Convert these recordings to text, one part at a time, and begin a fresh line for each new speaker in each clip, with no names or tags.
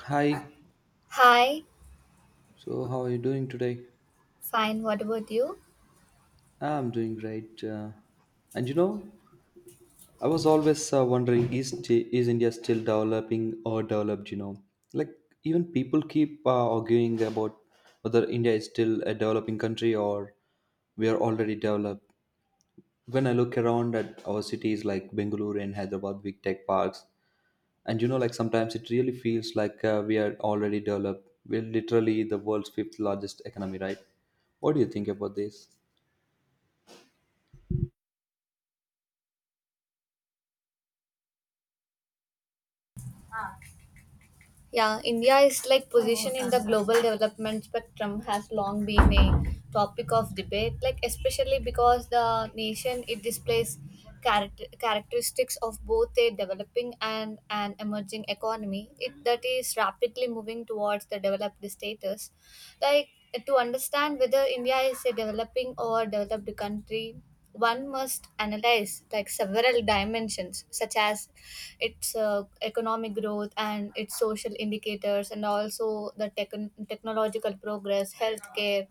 Hi,
Hi,
so how are you doing today?
fine. What about you?
I'm doing great. And you know, I was always wondering is, is India still developing or developed? Like even people keep arguing about whether India is still a developing country or we are already developed. When I look around at our cities like Bengaluru and Hyderabad, big tech parks, and you know, like sometimes it really feels like we are already developed. We're literally the world's fifth largest economy, right? What do you think about this?
Yeah, India is like position in the global development spectrum has long been a topic of debate, like especially because the nation it displays characteristics of both a developing and an emerging economy. It that is rapidly moving towards the developed status, like, to understand whether india is a developing or developed country, one must analyze, like, several dimensions such as its economic growth and its social indicators and also the technological progress, healthcare,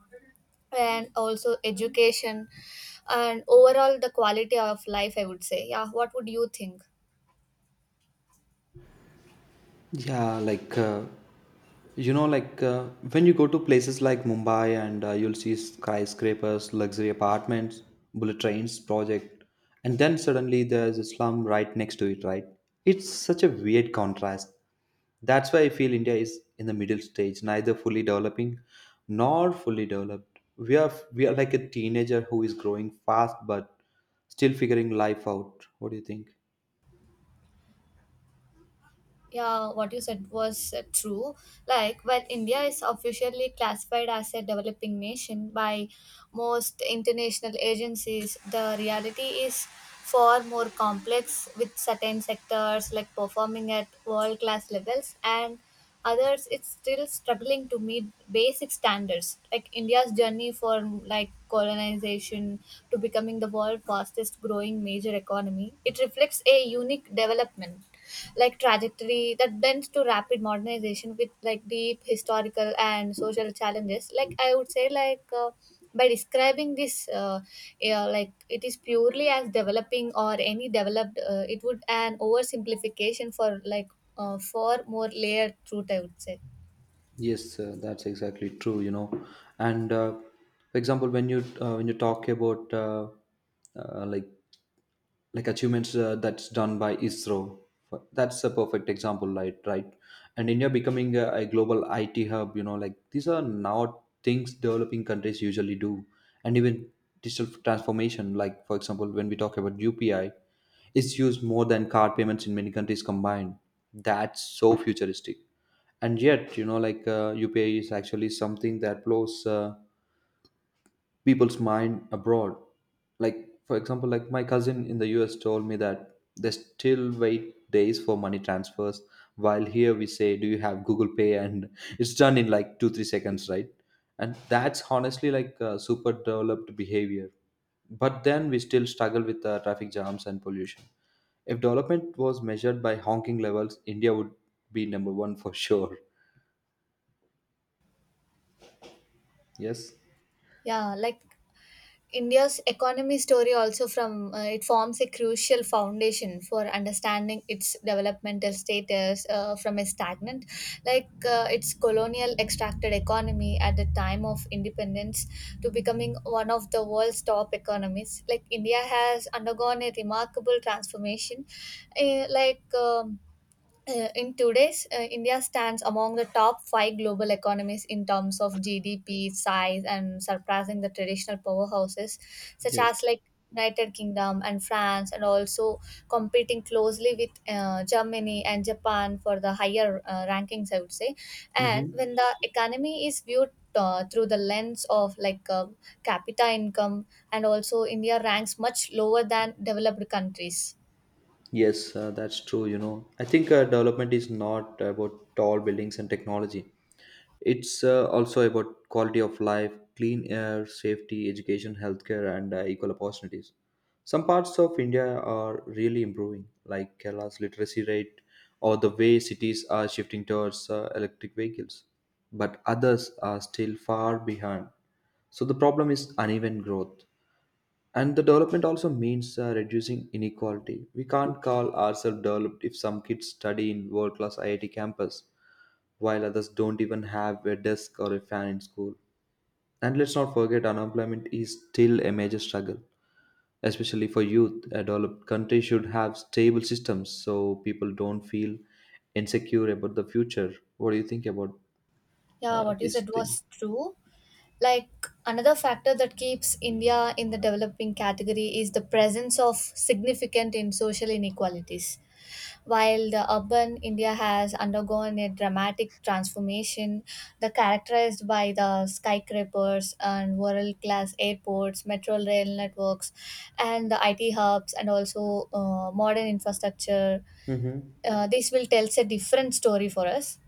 and also education, and overall the quality of life, I would say. Yeah, what would you think?
Yeah, like uh, you know, like uh, when you go to places like Mumbai and you'll see skyscrapers, luxury apartments, bullet trains, project, and then suddenly there's a slum right next to it, right? It's such a weird contrast. That's why I feel India is in the middle stage, neither fully developing nor fully developed. We are like a teenager who is growing fast but still figuring life out. What do you think?
Yeah, what you said was true. Like, while India is officially classified as a developing nation by most international agencies, the reality is far more complex, with certain sectors like performing at world class levels and others it's still struggling to meet basic standards. Like, india's journey from, like, colonization to becoming the world's fastest growing major economy, it reflects a unique development, like, trajectory that bends to rapid modernization with, like, deep historical and social challenges, like, I would say. Like, by describing this, yeah, like, it is purely as developing or any developed, it would an oversimplification for, like, for more layered truth, I would say.
Yes, that's exactly true. You know, and for example, when you talk about uh, like achievements that's done by ISRO, that's a perfect example, right? Right, and India becoming a global IT hub. You know, like these are not things developing countries usually do, and even digital transformation. Like for example, when we talk about UPI, it's used more than card payments in many countries combined. That's so futuristic, and yet you know like UPI is actually something that blows people's mind abroad. Like for example, like my cousin in the US told me that they still wait days for money transfers, while here we say, do you have Google Pay, and it's done in like 2 3 seconds, right? And that's honestly like super developed behavior. But then we still struggle with traffic jams and pollution. If development was measured by honking levels, India would be number 1 for sure. Yes.
Yeah, like, India's economy story also from it forms a crucial foundation for understanding its developmental status, from a stagnant, like, its colonial extracted economy at the time of independence to becoming one of the world's top economies, like, India has undergone a remarkable transformation. Like, in today's India stands among the top five global economies in terms of GDP size and surpassing the traditional powerhouses such
Yes.
as like United Kingdom and France, and also competing closely with Germany and Japan for the higher rankings, I would say. And when
Hmm.
the economy is viewed through the lens of, like, capita income, and also India ranks much lower than developed countries.
Yes, that's true. You know, I think development is not about tall buildings and technology. It's also about quality of life, clean air, safety, education, healthcare, and equal opportunities. Some parts of India are really improving, like Kerala's literacy rate or the way cities are shifting towards electric vehicles. But others are still far behind. So the problem is uneven growth. And the development also means reducing inequality. We can't call ourselves developed if some kids study in world class IIT campus while others don't even have a desk or a fan in school. And let's not forget, unemployment is still a major struggle, especially for youth. A developed country should have stable systems so people don't feel insecure about the future. What do you think about
Yeah, what you
this
said
thing?
was true. Like, another factor that keeps India in the developing category is the presence of significant in social inequalities. While the urban India has undergone a dramatic transformation, the characterized by the skyscrapers and world-class airports, metro rail networks, and the IT hubs, and also modern infrastructure,
Mm-hmm.
this will tells a different story for us.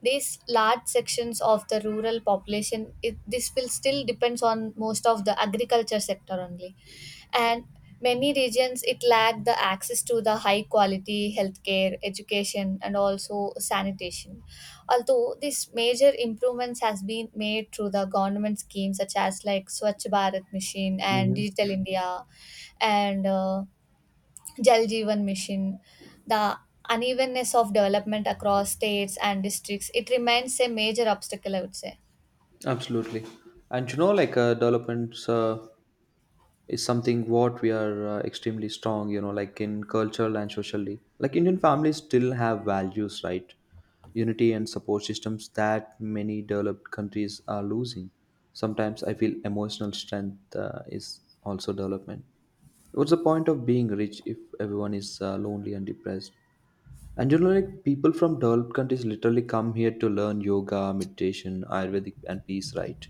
These large sections of the rural population, this will still depends on most of the agriculture sector only, and many regions it lack the access to the high quality healthcare, education, and also sanitation, although these major improvements has been made through the government schemes such as like Swachh Bharat Mission and
Mm-hmm.
Digital India, and Jal Jeevan Mission, the unevenness of development across states and districts, it remains a major obstacle, I would say.
Absolutely. And you know, like developments is something what we are extremely strong. You know, like in cultural and socially, like Indian families still have values, right? Unity and support systems that many developed countries are losing. Sometimes I feel emotional strength is also development. What's the point of being rich if everyone is lonely and depressed? And you know like people from developed countries literally come here to learn yoga, meditation, ayurvedic, and peace, right?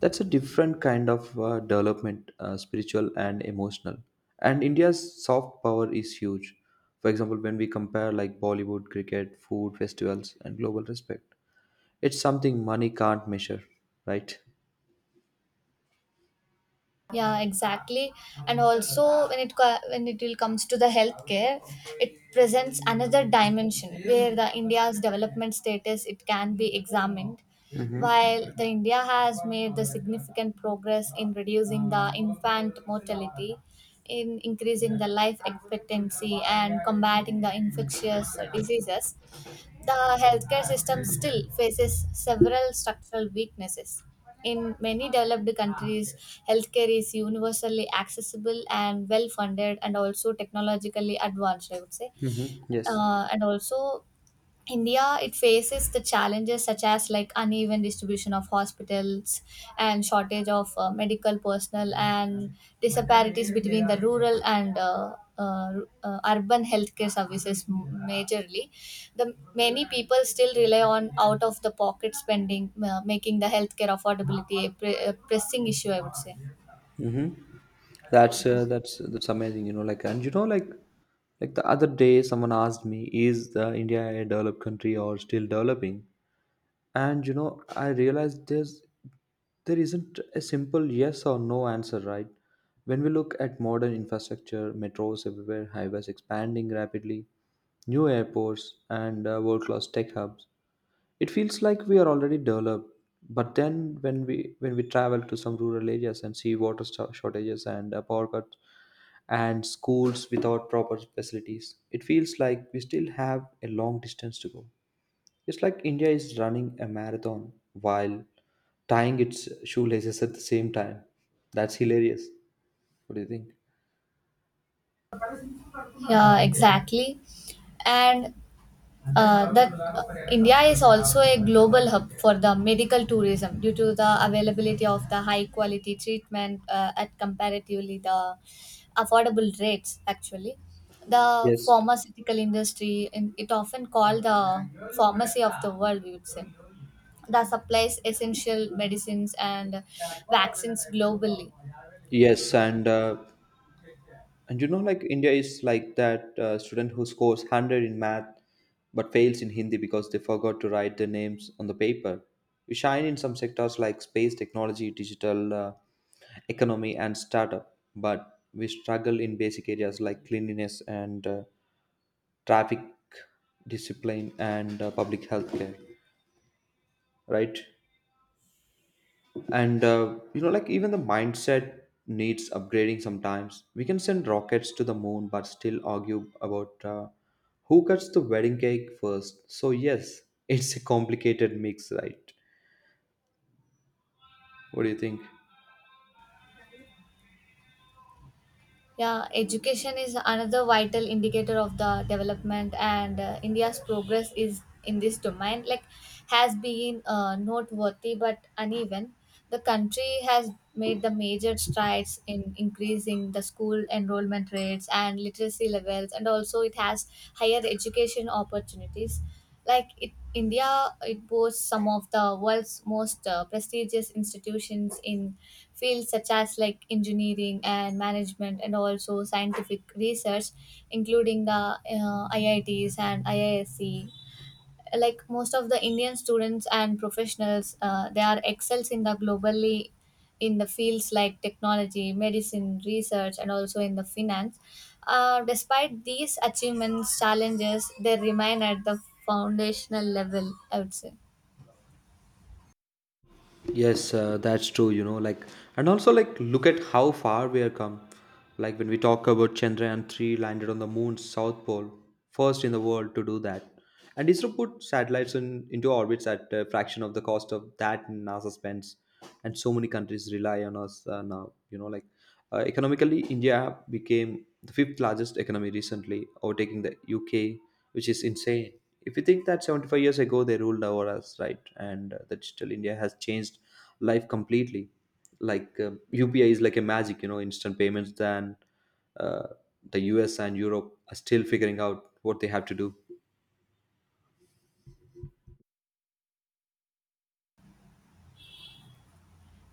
That's a different kind of development, spiritual and emotional. And India's soft power is huge. For example, when we compare like Bollywood, cricket, food, festivals, and global respect, it's something money can't measure, right?
Yeah, exactly. And also, when when it will comes to the healthcare, it presents another dimension where the India's development status it can be examined.
Mm-hmm.
While the India has made the significant progress in reducing the infant mortality, in increasing the life expectancy and combating the infectious diseases. The healthcare system still faces several structural weaknesses. In many developed countries, healthcare is universally accessible and well funded, and also technologically advanced, I would say.
Mm-hmm. Yes.
And also, India, it faces the challenges such as like uneven distribution of hospitals and shortage of medical personnel and disparities between the rural and urban healthcare services majorly. The many people still rely on out of the pocket spending, making the healthcare affordability a pressing issue, I would say.
Mm-hmm. That's amazing. You know, like and you know, like the other day, someone asked me, "Is the India a developed country or still developing?" And you know, I realized there's, there isn't a simple yes or no answer, right? When we look at modern infrastructure, metros everywhere, highways expanding rapidly, new airports, and world-class tech hubs, it feels like we are already developed. But then when we travel to some rural areas and see water shortages and power cuts and schools without proper facilities, it feels like we still have a long distance to go. It's like India is running a marathon while tying its shoelaces at the same time. That's hilarious. What do you think?
Yeah, exactly. And that India is also a global hub for the medical tourism due to the availability of the high quality treatment at comparatively the affordable rates. Actually, the
Yes,
pharmaceutical industry and it often called the pharmacy of the world, we would say, that supplies essential medicines and vaccines globally.
yes, and you know, like India is like that student who scores hundred in math but fails in Hindi because they forgot to write their names on the paper. We shine in some sectors like space technology, digital economy, and startup, but we struggle in basic areas like cleanliness and traffic discipline and public health care, right? And you know like even the mindset needs upgrading. Sometimes we can send rockets to the moon but still argue about who cuts the wedding cake first. So yes, it's a complicated mix, right? What do you think?
Yeah, education is another vital indicator of the development, and India's progress is in this domain, like, has been noteworthy but uneven. The country has made the major strides in increasing the school enrollment rates and literacy levels, and also it has higher education opportunities. Like, india it boasts some of the world's most prestigious institutions in fields such as like engineering and management and also scientific research, including the iits and iisc. Like, most of the indian students and professionals they are excels in the globally in the fields like technology, medicine, research, and also in the finance. Despite these achievements, challenges they remain at the foundational level, I would say.
Yes, that's true, you know, like, and also, like, look at how far we have come. Like, when we talk about Chandrayaan 3 landed on the moon's south pole, first in the world to do that. And ISRO put satellites in, into orbits at a fraction of the cost of that NASA spends. And so many countries rely on us now, you know, like, economically, India became the fifth largest economy recently, overtaking the UK, which is insane. If you think that 75 years ago they ruled over us, right? And the digital India has changed life completely. Like UPI is like a magic, you know, instant payments. Than uh, the US and Europe are still figuring out what they have to do.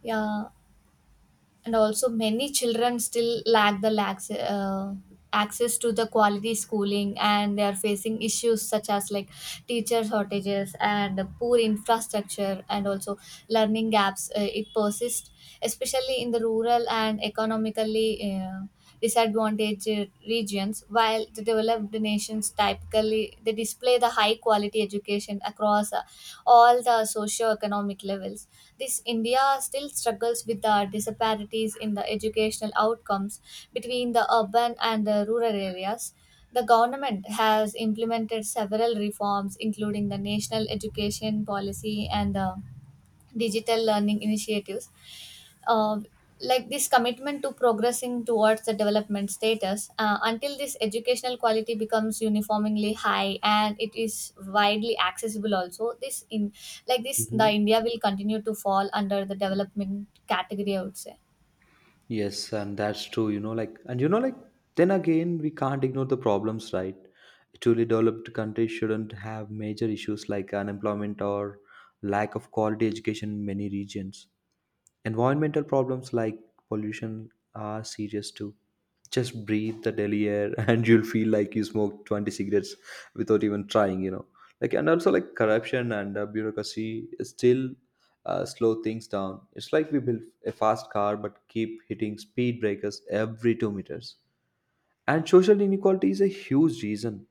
Yeah, and also many children still lack the access to the quality schooling and they are facing issues such as like teacher shortages and poor infrastructure and also learning gaps, it persists especially in the rural and economically disadvantaged regions, while the developed nations typically they display the high quality education across all the socio-economic levels. This India still struggles with the disparities in the educational outcomes between the urban and the rural areas. The government has implemented several reforms, including the National Education Policy and the digital learning initiatives. Uh, like, this commitment to progressing towards the development status, until this educational quality becomes uniformly high and it is widely accessible also this in, like, this the
Mhm.
india will continue to fall under the development category, I would say.
Yes, and that's true, you know, like, and you know, like, then again, we can't ignore the problems, right? A truly developed country shouldn't have major issues like unemployment or lack of quality education in many regions. Environmental problems like pollution are serious too. Just breathe the Delhi air and you'll feel like you smoked 20 cigarettes without even trying, you know. Like and also like corruption and bureaucracy still slow things down. It's like we build a fast car but keep hitting speed breakers every 2 meters. And social inequality is a huge reason.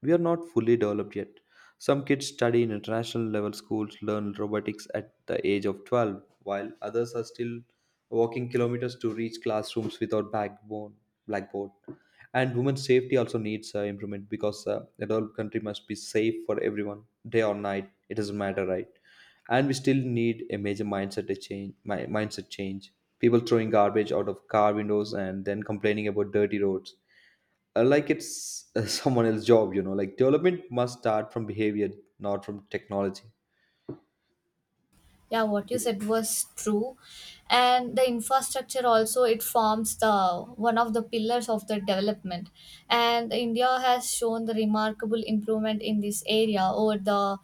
We are not fully developed yet. Some kids study in international level schools, learn robotics at the age of 12, while others are still walking kilometers to reach classrooms without backbone, blackboard. And women's safety also needs improvement, because a developed country must be safe for everyone, day or night. It doesn't matter, right? And we still need a major mindset to change. Mindset change. People throwing garbage out of car windows and then complaining about dirty roads, like it's someone else's job. You know, like development must start from behavior, not from technology.
Yeah, what you said was true. And the infrastructure also, it forms the one of the pillars of the development, and india has shown the remarkable improvement in this area over the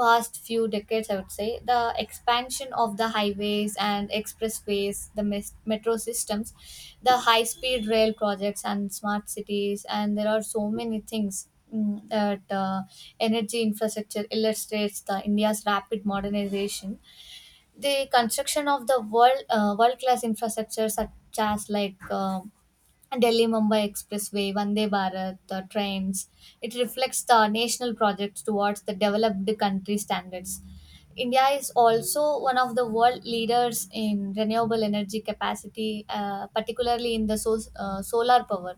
past few decades, I would say. The expansion of the highways and expressways, the metro systems, the high speed rail projects and smart cities, and there are so many things, that energy infrastructure illustrates the india's rapid modernization. The construction of the world world class infrastructure such as like Delhi Mumbai Expressway, Vande Bharat, the trains, it reflects the national projects towards the developed country standards. India is also one of the world leaders in renewable energy capacity, particularly in the solar power.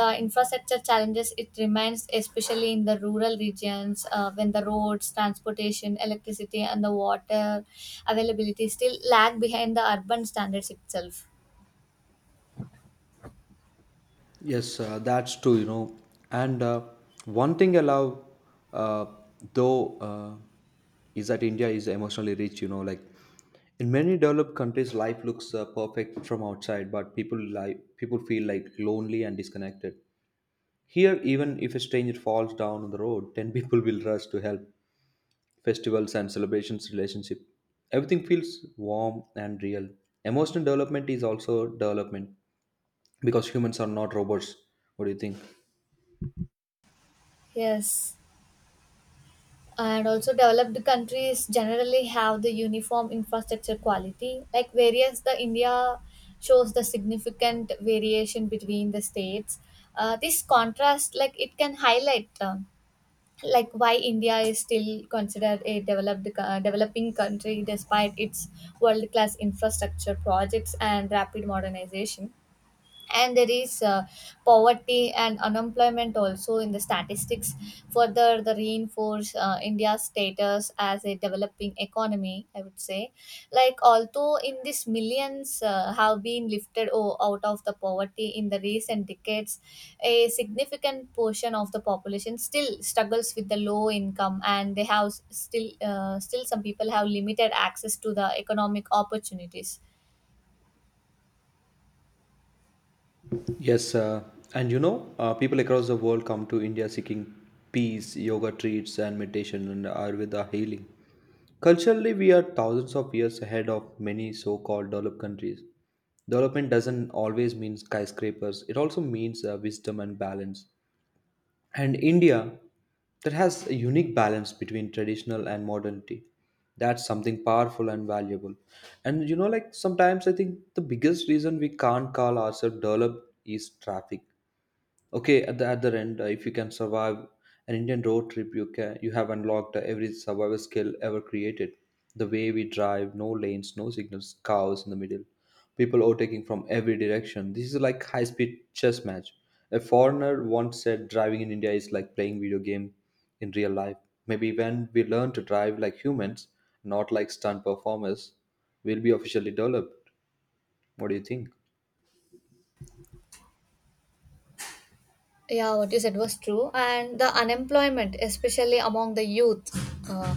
The infrastructure challenges it remains especially in the rural regions, when the roads, transportation, electricity, and the water availability still lag behind the urban standards itself.
Yes, that's true, you know. And one thing I love, uh, though, is that India is emotionally rich, you know. Like in many developed countries, life looks perfect from outside, but people feel like lonely and disconnected. Here, even if a stranger falls down on the road, 10 people will rush to help. Festivals and celebrations, relationship, everything feels warm and real. Emotional development is also development, because humans are not robots. What do you think?
Yes, and also developed countries generally have the uniform infrastructure quality. Like, whereas the India shows the significant variation between the states, this contrast, like, it can highlight. Like, why India is still considered a developing country despite its world class infrastructure projects and rapid modernization, and there is poverty and unemployment also in the statistics further the reinforce india's status as a developing economy, I would say. Like, although in this millions have been lifted out of the poverty in the recent decades, a significant portion of the population still struggles with the low income and they have still some people have limited access to the economic opportunities.
Yes, and you know, people across the world come to India seeking peace, yoga treats, and meditation, and ayurveda healing. Culturally we are thousands of years ahead of many so-called developed countries. Development doesn't always mean skyscrapers, it also means wisdom and balance. And India, that has a unique balance between traditional and modernity. That's something powerful and valuable. And you know, like sometimes I think the biggest reason we can't call ourselves developed is traffic. Okay, at the other end, if you can survive an Indian road trip, you can, you have unlocked every survival skill ever created. The way we drive, no lanes, no signals, cows in the middle, people overtaking from every direction. This is like high-speed chess match. A foreigner once said driving in India is like playing video game in real life. Maybe when we learn to drive like humans, not like stunt performers, we'll be officially developed. What do you think?
Yeah, what you said was true. And the unemployment, especially among the youth, uh,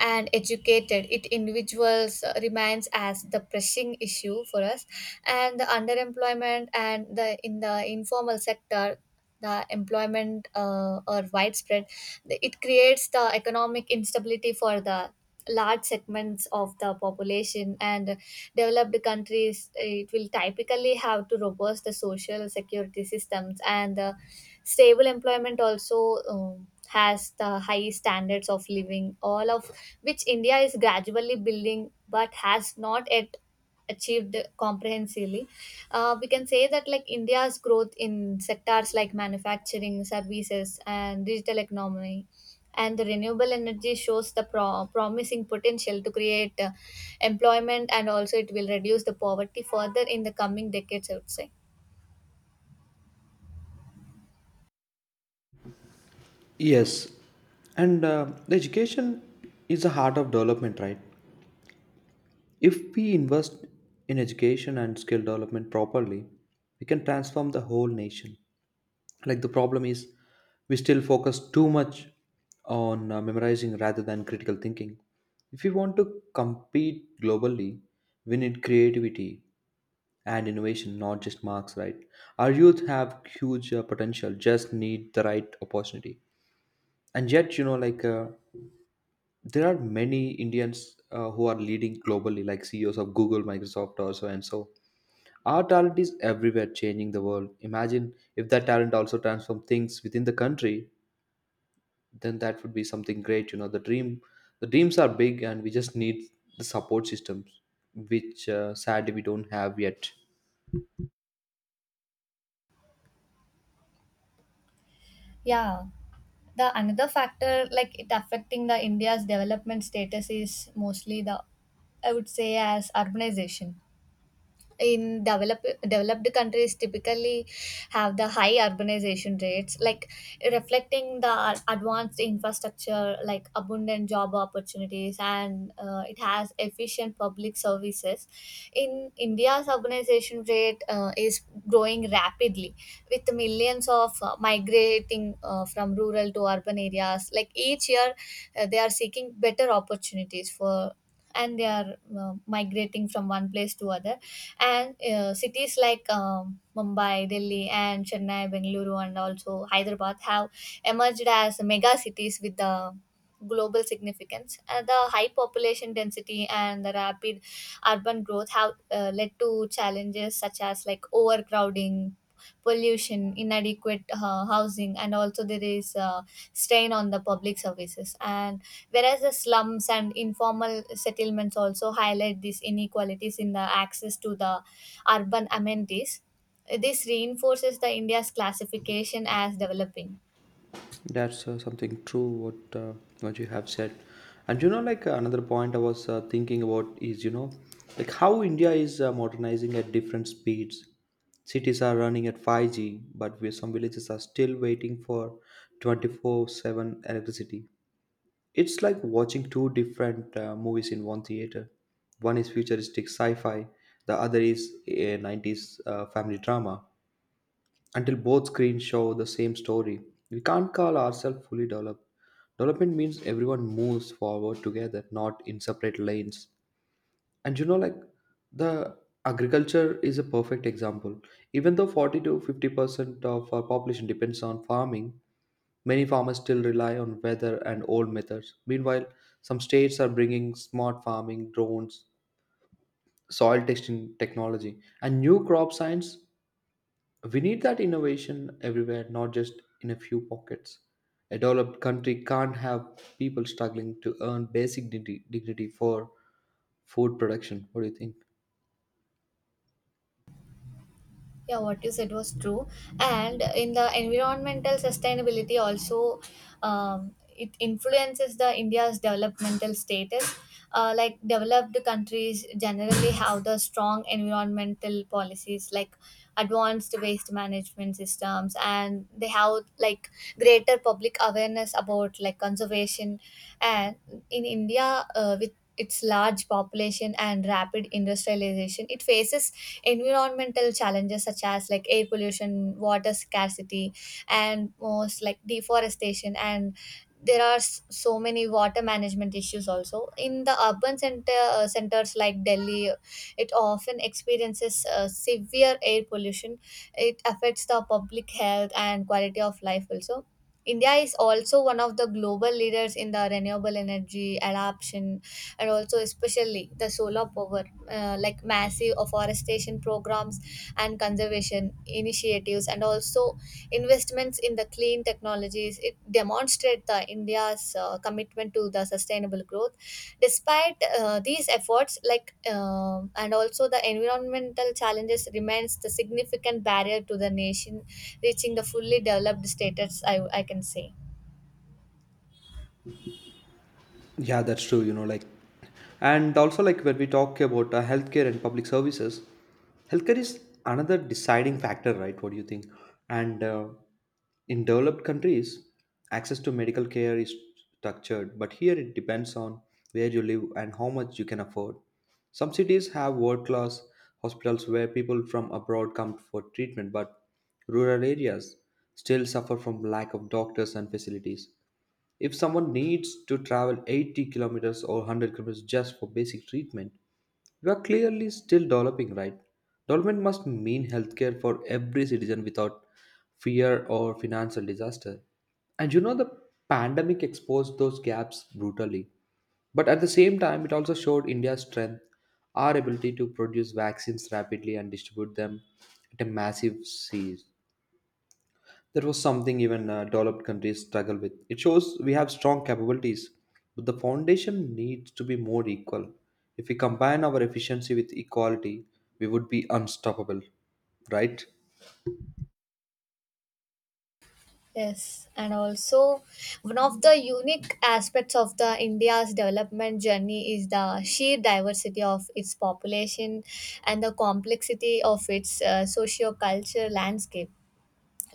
and educated it individuals, remains as the pressing issue for us. And the underemployment and the in the informal sector, the employment, are widespread. It creates the economic instability for the large segments of the population, and developed countries it will typically have to robust the social security systems and the stable employment also, has the high standards of living, all of which india is gradually building but has not yet achieved comprehensively. We can say that like India's growth in sectors like manufacturing, services, and digital economy, and the renewable energy shows the promising potential to create employment, and also it will reduce the poverty further in the coming decades, I would say,
Yes, and the education is the heart of development, right? If we invest in education and skill development properly, we can transform the whole nation. Like the problem is, we still focus too much on memorizing rather than critical thinking. If we want to compete globally, we need creativity and innovation, not just marks, right? Our youth have huge potential, just need the right opportunity. And yet, you know, like, there are many Indians who are leading globally, like CEOs of Google, Microsoft, also, and so. Our talent is everywhere, changing the world. Imagine if that talent also transforms things within the country, then that would be something great. You know, the dreams are big, and we just need the support systems, which sadly we don't have yet.
yeah. The another factor, like, it affecting the India's development status is mostly the, I would say, as urbanization. In developed countries typically have the high urbanization rates, like, reflecting the advanced infrastructure like abundant job opportunities and it has efficient public services. In india's urbanization rate is growing rapidly with millions of migrating, from rural to urban areas like each year, they are seeking better opportunities for, and they are migrating from one place to other. And cities like mumbai, delhi, and chennai, bengaluru, and also hyderabad have emerged as mega cities with the global significance. The high population density and the rapid urban growth have led to challenges such as like overcrowding, pollution, inadequate housing, and also there is strain on the public services, and whereas the slums and informal settlements also highlight these inequalities in the access to the urban amenities. This reinforces the india's classification as developing.
That's something true what you have said, and another point I was thinking about is how India is modernizing at different speeds. Cities are running at 5G, but some villages are still waiting for 24/7 electricity. It's like watching two different movies in one theater. One is futuristic sci-fi, the other is a 90s family drama until both screens show the same story. We can't call ourselves fully developed. Development means everyone moves forward together, not in separate lanes. And you know, like the agriculture is a perfect example. Even though 40 to 50% of our population depends on farming, many farmers still rely on weather and old methods. Meanwhile, some states are bringing smart farming, drones, soil testing technology, and new crop science, we need that innovation everywhere, not just in a few pockets. A developed country can't have people struggling to earn basic dignity, dignity for food production. What do you think?
Yeah, what you said was true. And in the environmental sustainability also, it influences the India's developmental status. Like developed countries generally have the strong environmental policies like advanced waste management systems, and they have like greater public awareness about like conservation. And in india with its large population and rapid industrialization, it faces environmental challenges such as like air pollution, water scarcity, and most like deforestation. And there are so many water management issues also in the urban centers like delhi. It often experiences severe air pollution. It affects the public health and quality of life also. India is also one of the global leaders in the renewable energy adoption, and also especially the solar power. Like massive afforestation programs and conservation initiatives, and also investments in the clean technologies, it demonstrates the india's commitment to the sustainable growth. Despite these efforts like and also, the environmental challenges remains the significant barrier to the nation reaching the fully developed status, I can say.
Yeah, that's true. And also like when we talk about healthcare and public services, healthcare is another deciding factor, right? What do you think? And In developed countries, access to medical care is structured, but here it depends on where you live and how much you can afford. Some cities have world class hospitals where people from abroad come for treatment, but rural areas still suffer from lack of doctors and facilities. If someone needs to travel 80 kilometers or 100 kilometers just for basic treatment, we are clearly still developing, right? Development must mean healthcare for every citizen without fear or financial disaster. And you know, the pandemic exposed those gaps brutally. But at the same time, it also showed India's strength, our ability to produce vaccines rapidly and distribute them at a massive size. That was something even developed countries struggle with. It shows we have strong capabilities, but the foundation needs to be more equal. If we combine our efficiency with equality, we would be unstoppable, right?
Yes, and also one of the unique aspects of the India's development journey is the sheer diversity of its population and the complexity of its socio-cultural landscape.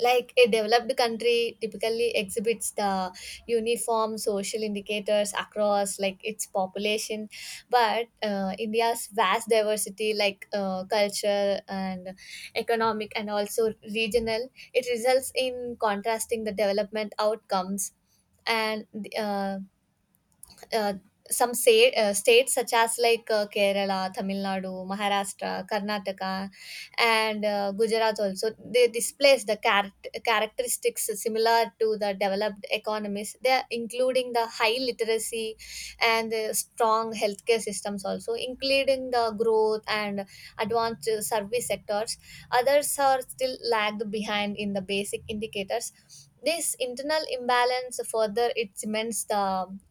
Like a developed country typically exhibits the uniform social indicators across like its population, but india's vast diversity like culture and economic and also regional, it results in contrasting the development outcomes. And uh, uh, some say, states such as like Kerala, Tamil Nadu, Maharashtra, Karnataka, and Gujarat also, they displace the characteristics similar to the developed economies. They are including the high literacy and the strong healthcare systems also, including the growth and advanced service sectors. Others are still lagged behind in the basic indicators. This internal imbalance further, it cements the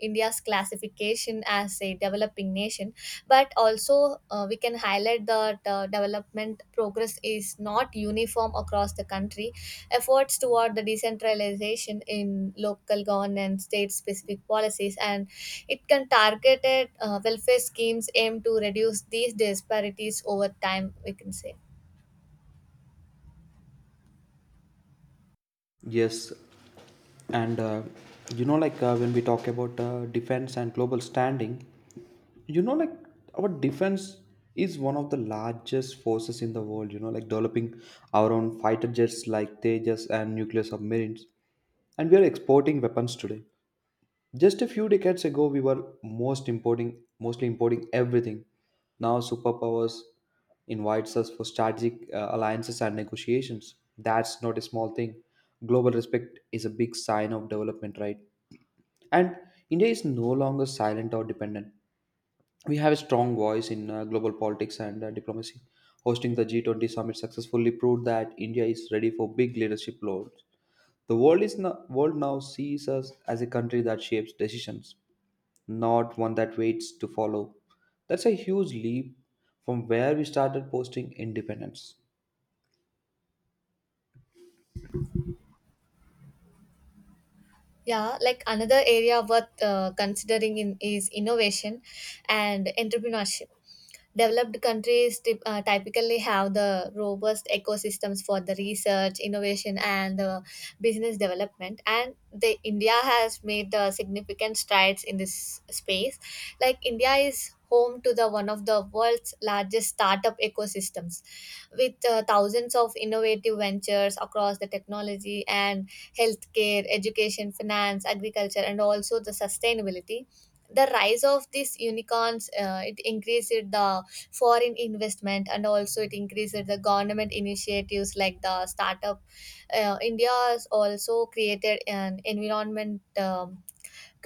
india's classification as a developing nation. But also we can highlight that development progress is not uniform across the country. Efforts toward the decentralization in local governance, state specific policies, and it can targeted welfare schemes aim to reduce these disparities over time, we can say.
Yes, and when we talk about defense and global standing, you know, like our defense is one of the largest forces in the world. You know, like developing our own fighter jets like Tejas and nuclear submarines, and we are exporting weapons today. Just a few decades ago, we were mostly importing everything. Now, superpowers invites us for strategic alliances and negotiations. That's not a small thing. Global respect is a big sign of development, right? And India is no longer silent or dependent. We have a strong voice in global politics and diplomacy. Hosting the G20 summit successfully proved that India is ready for big leadership roles. The world is no, world now sees us as a country that shapes decisions, not one that waits to follow. That's a huge leap from where we started posting independence.
Yeah, like another area worth considering in is innovation and entrepreneurship. Developed countries typically have the robust ecosystems for the research, innovation, and business development. And the India has made significant strides in this space. Like India is home to the one of the world's largest startup ecosystems, with thousands of innovative ventures across the technology and healthcare, education, finance, agriculture, and also the sustainability. The rise of these unicorns, it increased the foreign investment, and also it increased the government initiatives like the startup. India has also created an environment. Um,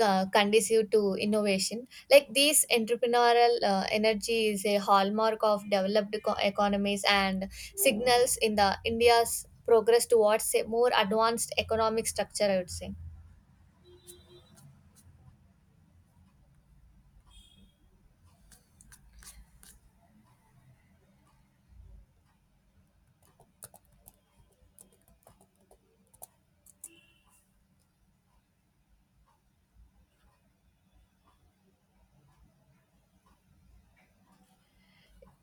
uh, Conducive to innovation. Like these entrepreneurial energy is a hallmark of developed economies and signals in the India's progress towards a more advanced economic structure, I would say.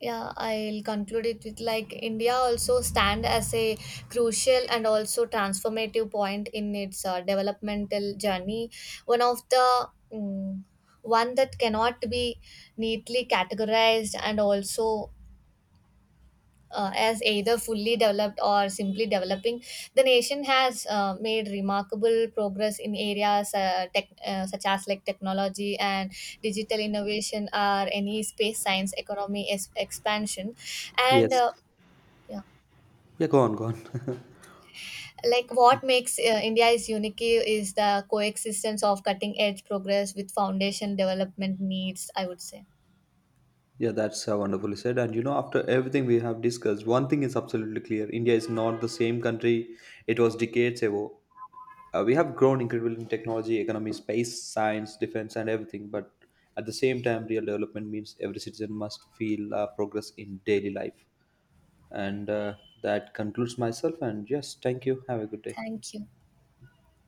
Yeah, I'll conclude it with like India also stand as a crucial and also transformative point in its developmental journey. One of the mm, One that cannot be neatly categorized, and also as either fully developed or simply developing, the nation has made remarkable progress in areas such as like technology and digital innovation or any space science economy expansion. And
Yes.
yeah,
Yeah, go on, go on.
like what makes India is unique is the coexistence of cutting edge progress with foundation development needs, I would say.
Yeah, that's wonderfully said. And you know, after everything we have discussed, one thing is absolutely clear: India is not the same country it was decades ago. We have grown incredibly in technology, economy, space, science, defense, and everything. But at the same time, real development means every citizen must feel progress in daily life. And that concludes myself. And yes, thank you. Have a good day.
Thank you.